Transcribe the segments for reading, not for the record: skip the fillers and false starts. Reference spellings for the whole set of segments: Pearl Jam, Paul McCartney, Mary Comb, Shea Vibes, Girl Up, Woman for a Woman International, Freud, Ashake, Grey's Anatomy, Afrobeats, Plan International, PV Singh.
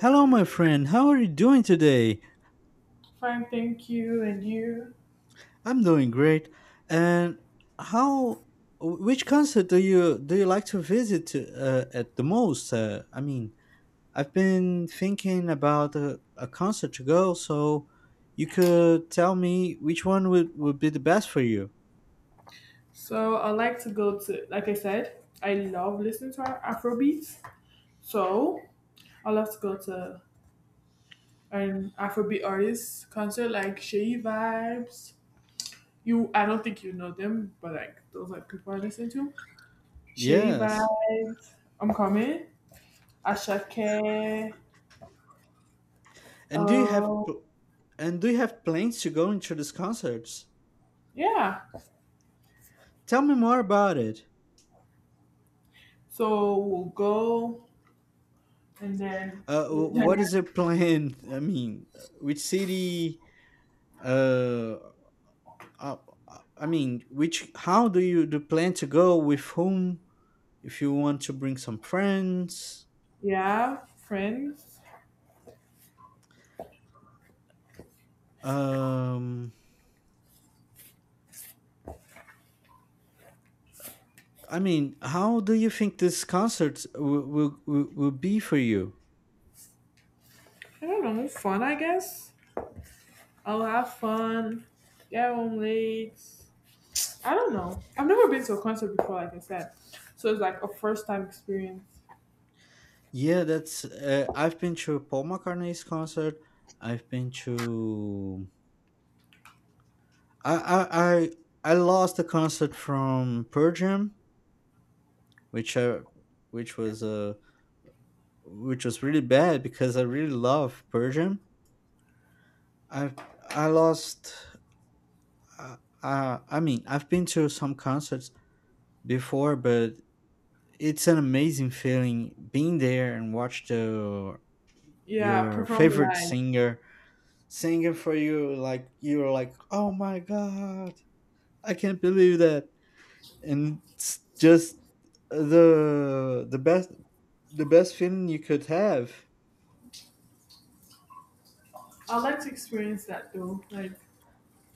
Hello, my friend. How are you doing today? Fine, thank you. And you? I'm doing great. And how? Which concert do you like to visit to, at the most? I mean, I've been thinking about a concert to go, so you could tell me which one would be the best for you. So I like to go to, like I said, I love listening to Afrobeats. So I love to go to an Afrobeat artist concert like Shea Vibes. You, I don't think you know them, but like those like people I listen to. Shea Yes. Vibes, I'm coming. Ashake. And do you have Um, pl- and do you have plans to go into these concerts? yeah. Tell me more about it. So we'll go and then we'll dance. What is your plan? I mean, which city? uh, uh, I mean, which how do you do plan to go with whom? If you want to bring some friends, Yeah, friends. um, I mean, how do you think this concert will be for you? I don't know, fun, I guess. I'll have fun, get home late. I don't know. I've never been to a concert before, like I said. So it's like a first time experience. Yeah, that's. I've been to Paul McCartney's concert. I've been to. I I I, I lost the concert from Pearl Jam, which I, which was uh, which was really bad because I really love Pearl Jam I I lost. Uh, I mean, I've been to some concerts before, but it's an amazing feeling being there and watch the Yeah, your perform favorite live. singer singing for you. Like you're like, oh my God, I can't believe that, and it's just the the best feeling you could have. I'd like to experience that though. Like,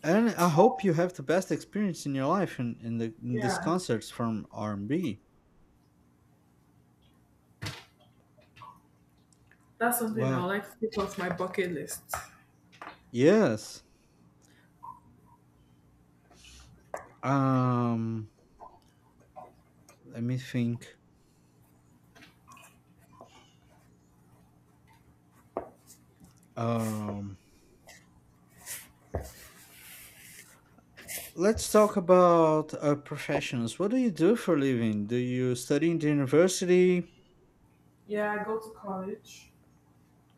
And I hope you have the best experience in your life in the in these yeah, concerts from R and B. that's something I would Well, like to take off my bucket list. yes. Um, Let me think. Um, let's talk about professions. What do you do for a living? Do you study in the university? Yeah, I go to college.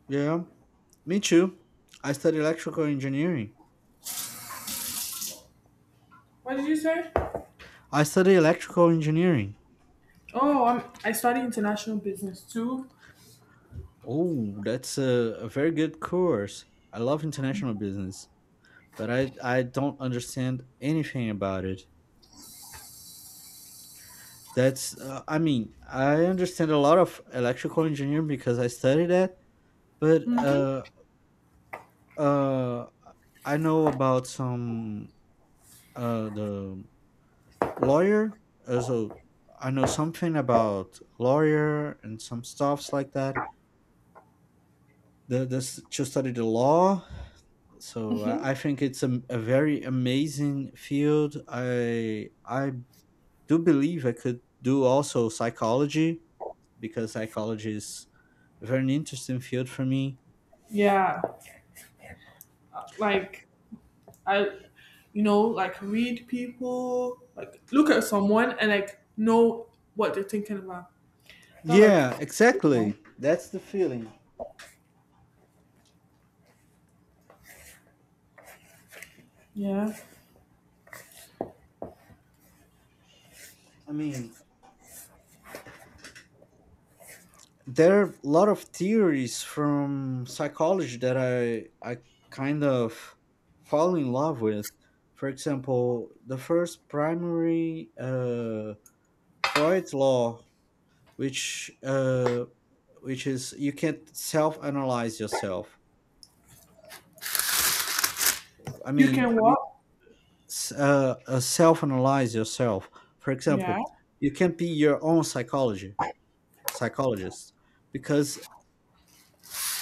Yeah, me too. I study electrical engineering. What did you say? I study electrical engineering. Oh, I'm, I study international business too. Oh, that's a very good course. I love international business, but I don't understand anything about it. That's, I mean, I understand a lot of electrical engineering because I studied that, but Hmm. Uh, I know about some the lawyer. So I know something about lawyer and some stuffs like that. The this to study the law. So I Hmm. think it's a very amazing field. I do believe I could do also psychology because psychology is a very interesting field for me. Yeah, like I like read people, like look at someone and like know what they're thinking about. That like, Yeah, exactly. That's the feeling. yeah. I mean, there are a lot of theories from psychology that I kind of fall in love with. For example, the first primary Freud's law, which uh, which is you can't self-analyze yourself. I You mean, can walk. Self-analyze yourself. For Yeah. example, you can't be your own psychology psychologist because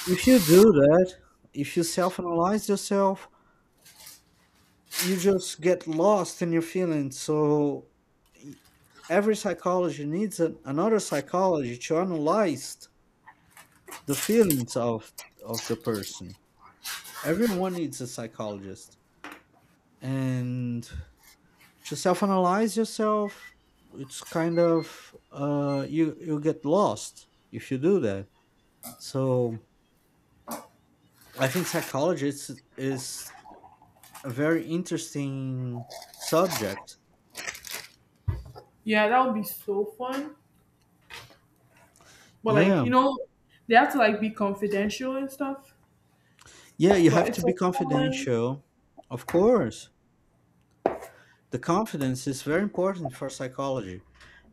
if you do that, if you self-analyze yourself you just get lost in your feelings. So y- every psychology needs another psychology to analyze the feelings of the person. Everyone needs a psychologist, and to self-analyze yourself, it's kind of you get lost if you do that. So I think psychologists is a very interesting subject. Yeah, that would be so fun. But like, Yeah, you know, they have to like be confidential and stuff. yeah, you But have to it's a be fun, confidential. Of course. The confidence is very important for psychology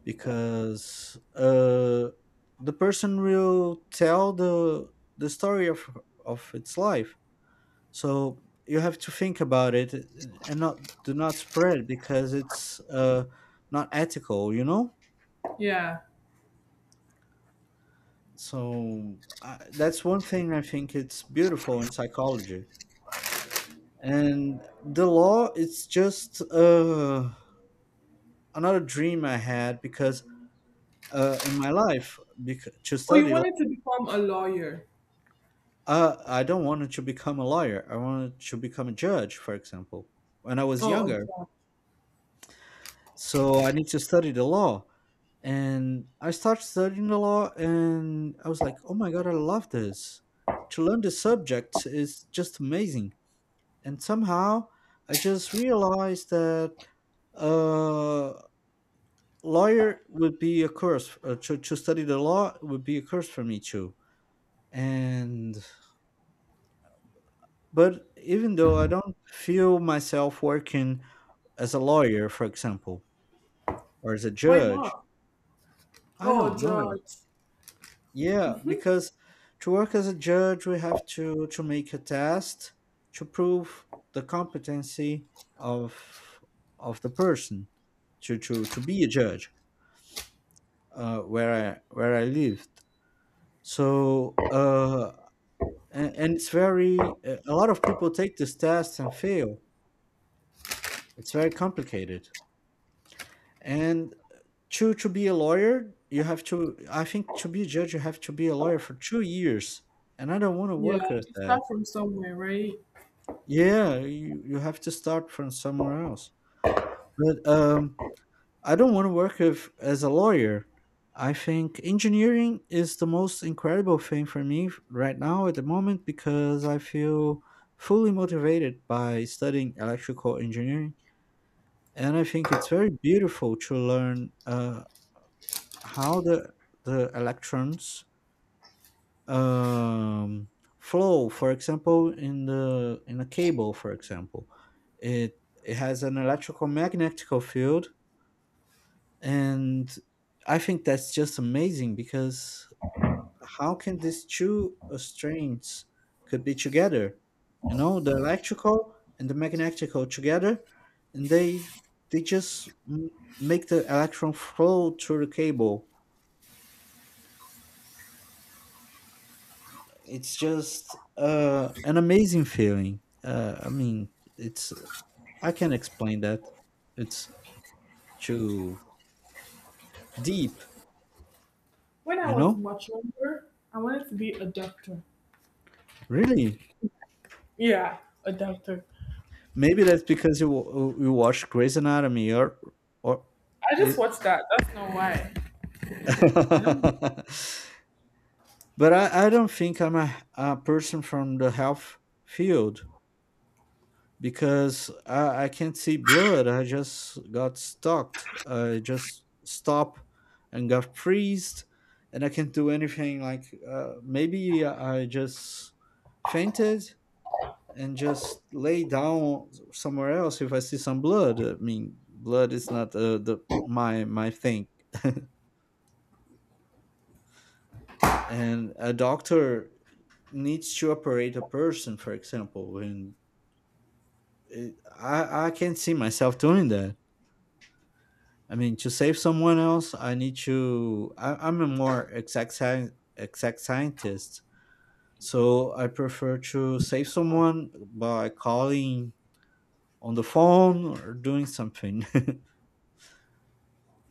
because the person will tell the story of its life. So you have to think about it and not do not spread because it's not ethical, you know? yeah. So that's one thing I think it's beautiful in psychology. And the law it's just another dream I had because in my life because, to Oh, you study law, wanted to become a lawyer. I don't wanted to become a lawyer. I wanted to become a judge, for example, when I was Oh, a younger. judge. So I need to study the law. And I started studying the law and I was like, oh my God, I love this. To learn this subject is just amazing. And somehow I just realized that uh, lawyer would be a course to study the law would be a course for me too and but even though I don't feel myself working as a lawyer for example or as a Why judge. not? I Oh, a don't know. judge. Yeah, because to work as a judge we have to make a test to prove the competency of the person to be a judge, where I lived. so uh and it's very a lot of people take this test and fail. It's very complicated. And to be a lawyer you have to, I think to be a judge you have to be a lawyer for 2 years and I don't want to Yeah, work with you start that. from somewhere, right? Yeah, you have to start from somewhere else, but I don't want to work with as a lawyer. I think engineering is the most incredible thing for me right now at the moment because I feel fully motivated by studying electrical engineering. And I think it's very beautiful to learn how the electrons um, flow for example in the in a cable for example. It has an electrical magnetic field. And I think that's just amazing because how can these two strains could be together, you know, the electrical and the magnetic together. And they just make the electron flow through the cable. It's just an amazing feeling. I mean, it's I can not explain that. It's too deep, When I you was know. much younger, I wanted to be a doctor. Really, Yeah, a doctor. maybe that's because you watch Grey's Anatomy or or I just it. watched that. That's not why. I don't. But I don't think I'm a person from the health field, because I can't see blood. I just got stalked. I just stopped and got freezed, and I can't do anything. Like maybe I just fainted and just lay down somewhere else if I see some blood. I mean, blood is not the my thing, and a doctor needs to operate a person, for example, and. I can't see myself doing that. I mean, to save someone else, I need to. I'm a more exact scientist, so I prefer to save someone by calling on the phone or doing something,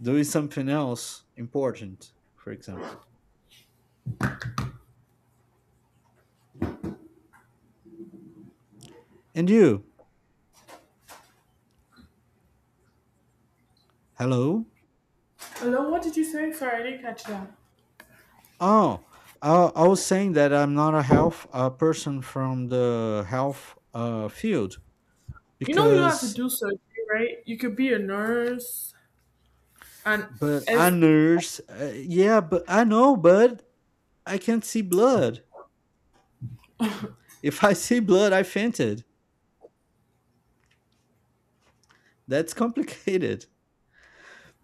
doing something else important, for example. And you, hello. Hello, what did you say? Sorry, I didn't catch that. Oh, I was saying that I'm not a health person from the health field You know, you don't have to because do surgery, right? You could be a nurse and but I as. nurse. Yeah, but I know, but. I can't see blood. If I see blood, I fainted. That's complicated.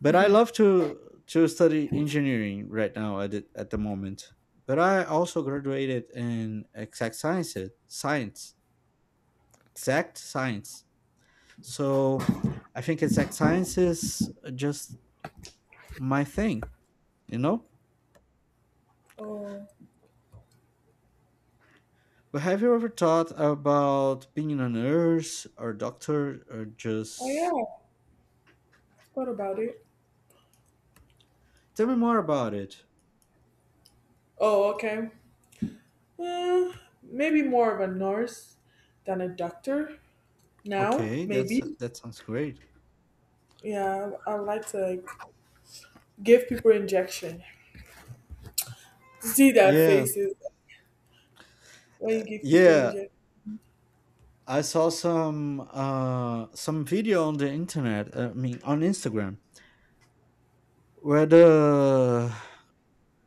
But I love to study engineering right now at at the moment. But I also graduated in exact science, exact science. So I think exact science is just my thing, you know? Oh, But have you ever thought about being a nurse or doctor or oh just yeah. I forgot about it. tell me more about it? Oh, okay. Uh, maybe more of a nurse than a doctor now. Okay, that's Maybe. that sounds great. Yeah, I like to like, give people injection. See their Yeah, faces when you give people yeah. injection. I saw some video on the internet. I mean, on Instagram, where the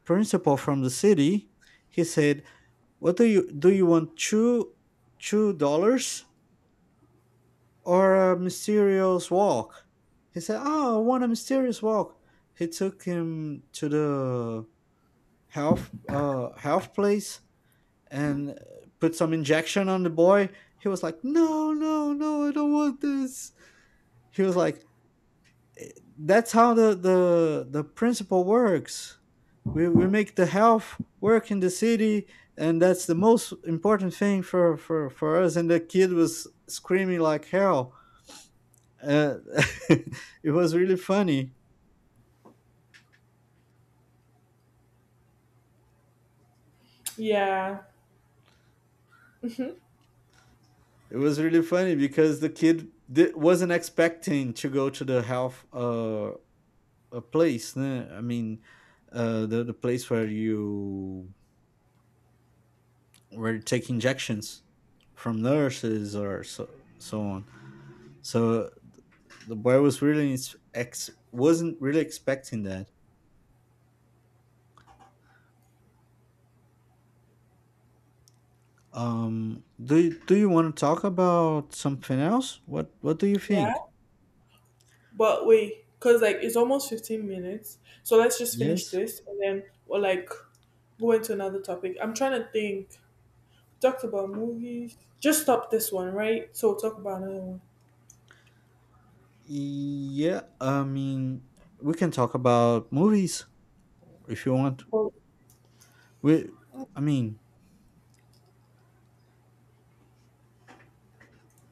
principal from the city he said, "What do? You want two dollars or a mysterious walk?" He said, "Oh, I want a mysterious walk." He took him to the health health place and put some injection on the boy. He was like, "No, no, no! I don't want this." He was like, "Eh, that's how the principle works. We make the health work in the city, and that's the most important thing for us." And the kid was screaming like hell. Uh, it was really funny. Yeah. Hmm. It was really funny because wasn't expecting to go to the health a place. Né? I mean, the place where you were take injections from nurses or so so on. So the boy wasn't really expecting that. Do you want to talk about something else? What do you Yeah. think? But wait, because like it's almost 15 minutes. So let's just finish Yes. this and then we'll like go into another topic. I'm trying to think. Talked about movies. Just stop this one, right? So we'll talk about another one. Yeah. I mean, we can talk about movies if you want. Well, We. I mean,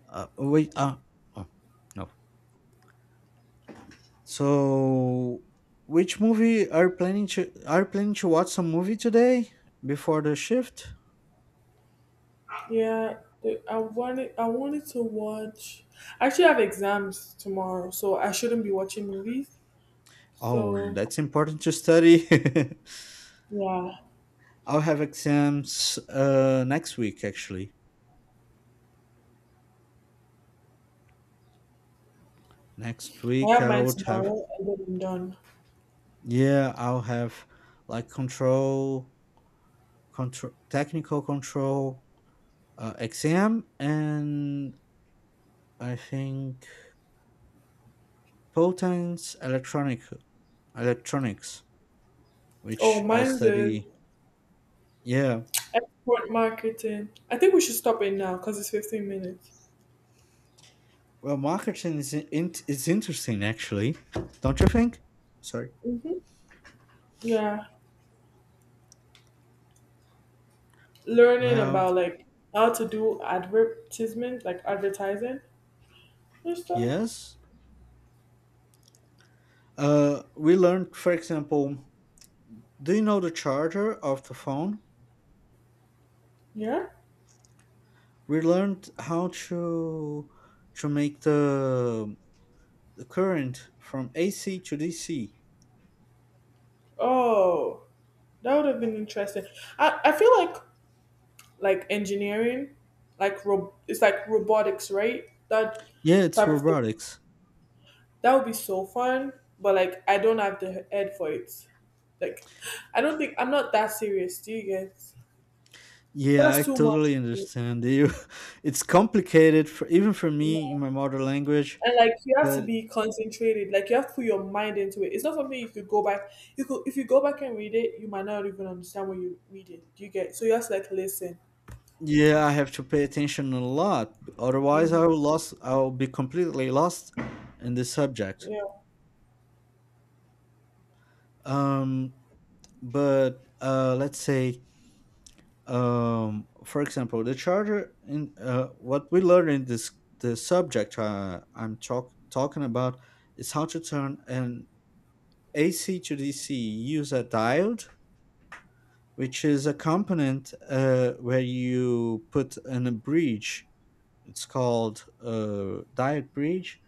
wait. Oh no. So, which movie are planning to watch some movie today before the shift? yeah, I wanted to watch. I actually have exams tomorrow, so I shouldn't be watching movies. Oh, So that's important to study. yeah, I'll have exams next week actually. Next I week have I mine would have tomorrow and then I'm done. yeah, I'll have like control control technical control exam and I think potence electronic electronics Oh, which I mine's is study. Yeah. export marketing. I think we should stop it now because it's 15 minutes. Well, marketing is interesting, actually, don't you think? Sorry. Hmm. Yeah, learning Well, about like how to do advertisement, like advertising and stuff. yes. We learned, for example, do you know the charger of the phone? Yeah. We learned how to make the current from AC to DC. Oh, that would have been interesting. I feel like engineering, it's like robotics, right? That Yeah, it's type of thing. robotics. That would be so fun, but like I don't have the head for it. Like I don't think I'm not that serious. Do you get? Yeah, I That's too much totally for understand you. It's complicated for even for me. me in my mother language, And like you have to but be concentrated, like you have to put your mind into it. It's not something you could go back, you could if you go back and read it you might not even understand what you're reading, do you get? So you have to like listen. yeah, I have to pay attention a lot. Otherwise, Hmm. I will lost. I will be completely lost in this subject. Yeah. Um, but Let's say, for example, the charger. In What we learn in this the subject talking about is how to turn an AC to DC. Use a diode, which is a component where you put in a bridge. It's called diode bridge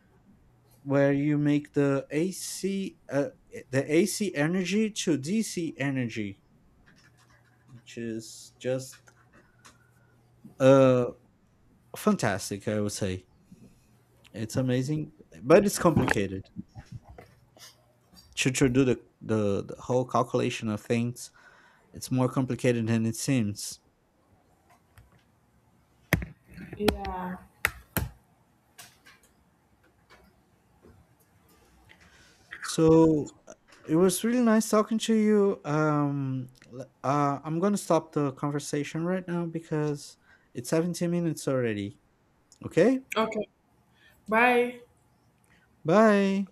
where you make the AC the AC energy to DC energy, which is just uh fantastic. I would say it's amazing, but it's complicated to do the whole calculation of things. It's more complicated than it seems. Yeah. So it was really nice talking to you. I'm gonna stop the conversation right now because it's 17 minutes already. Okay, Okay, bye. bye.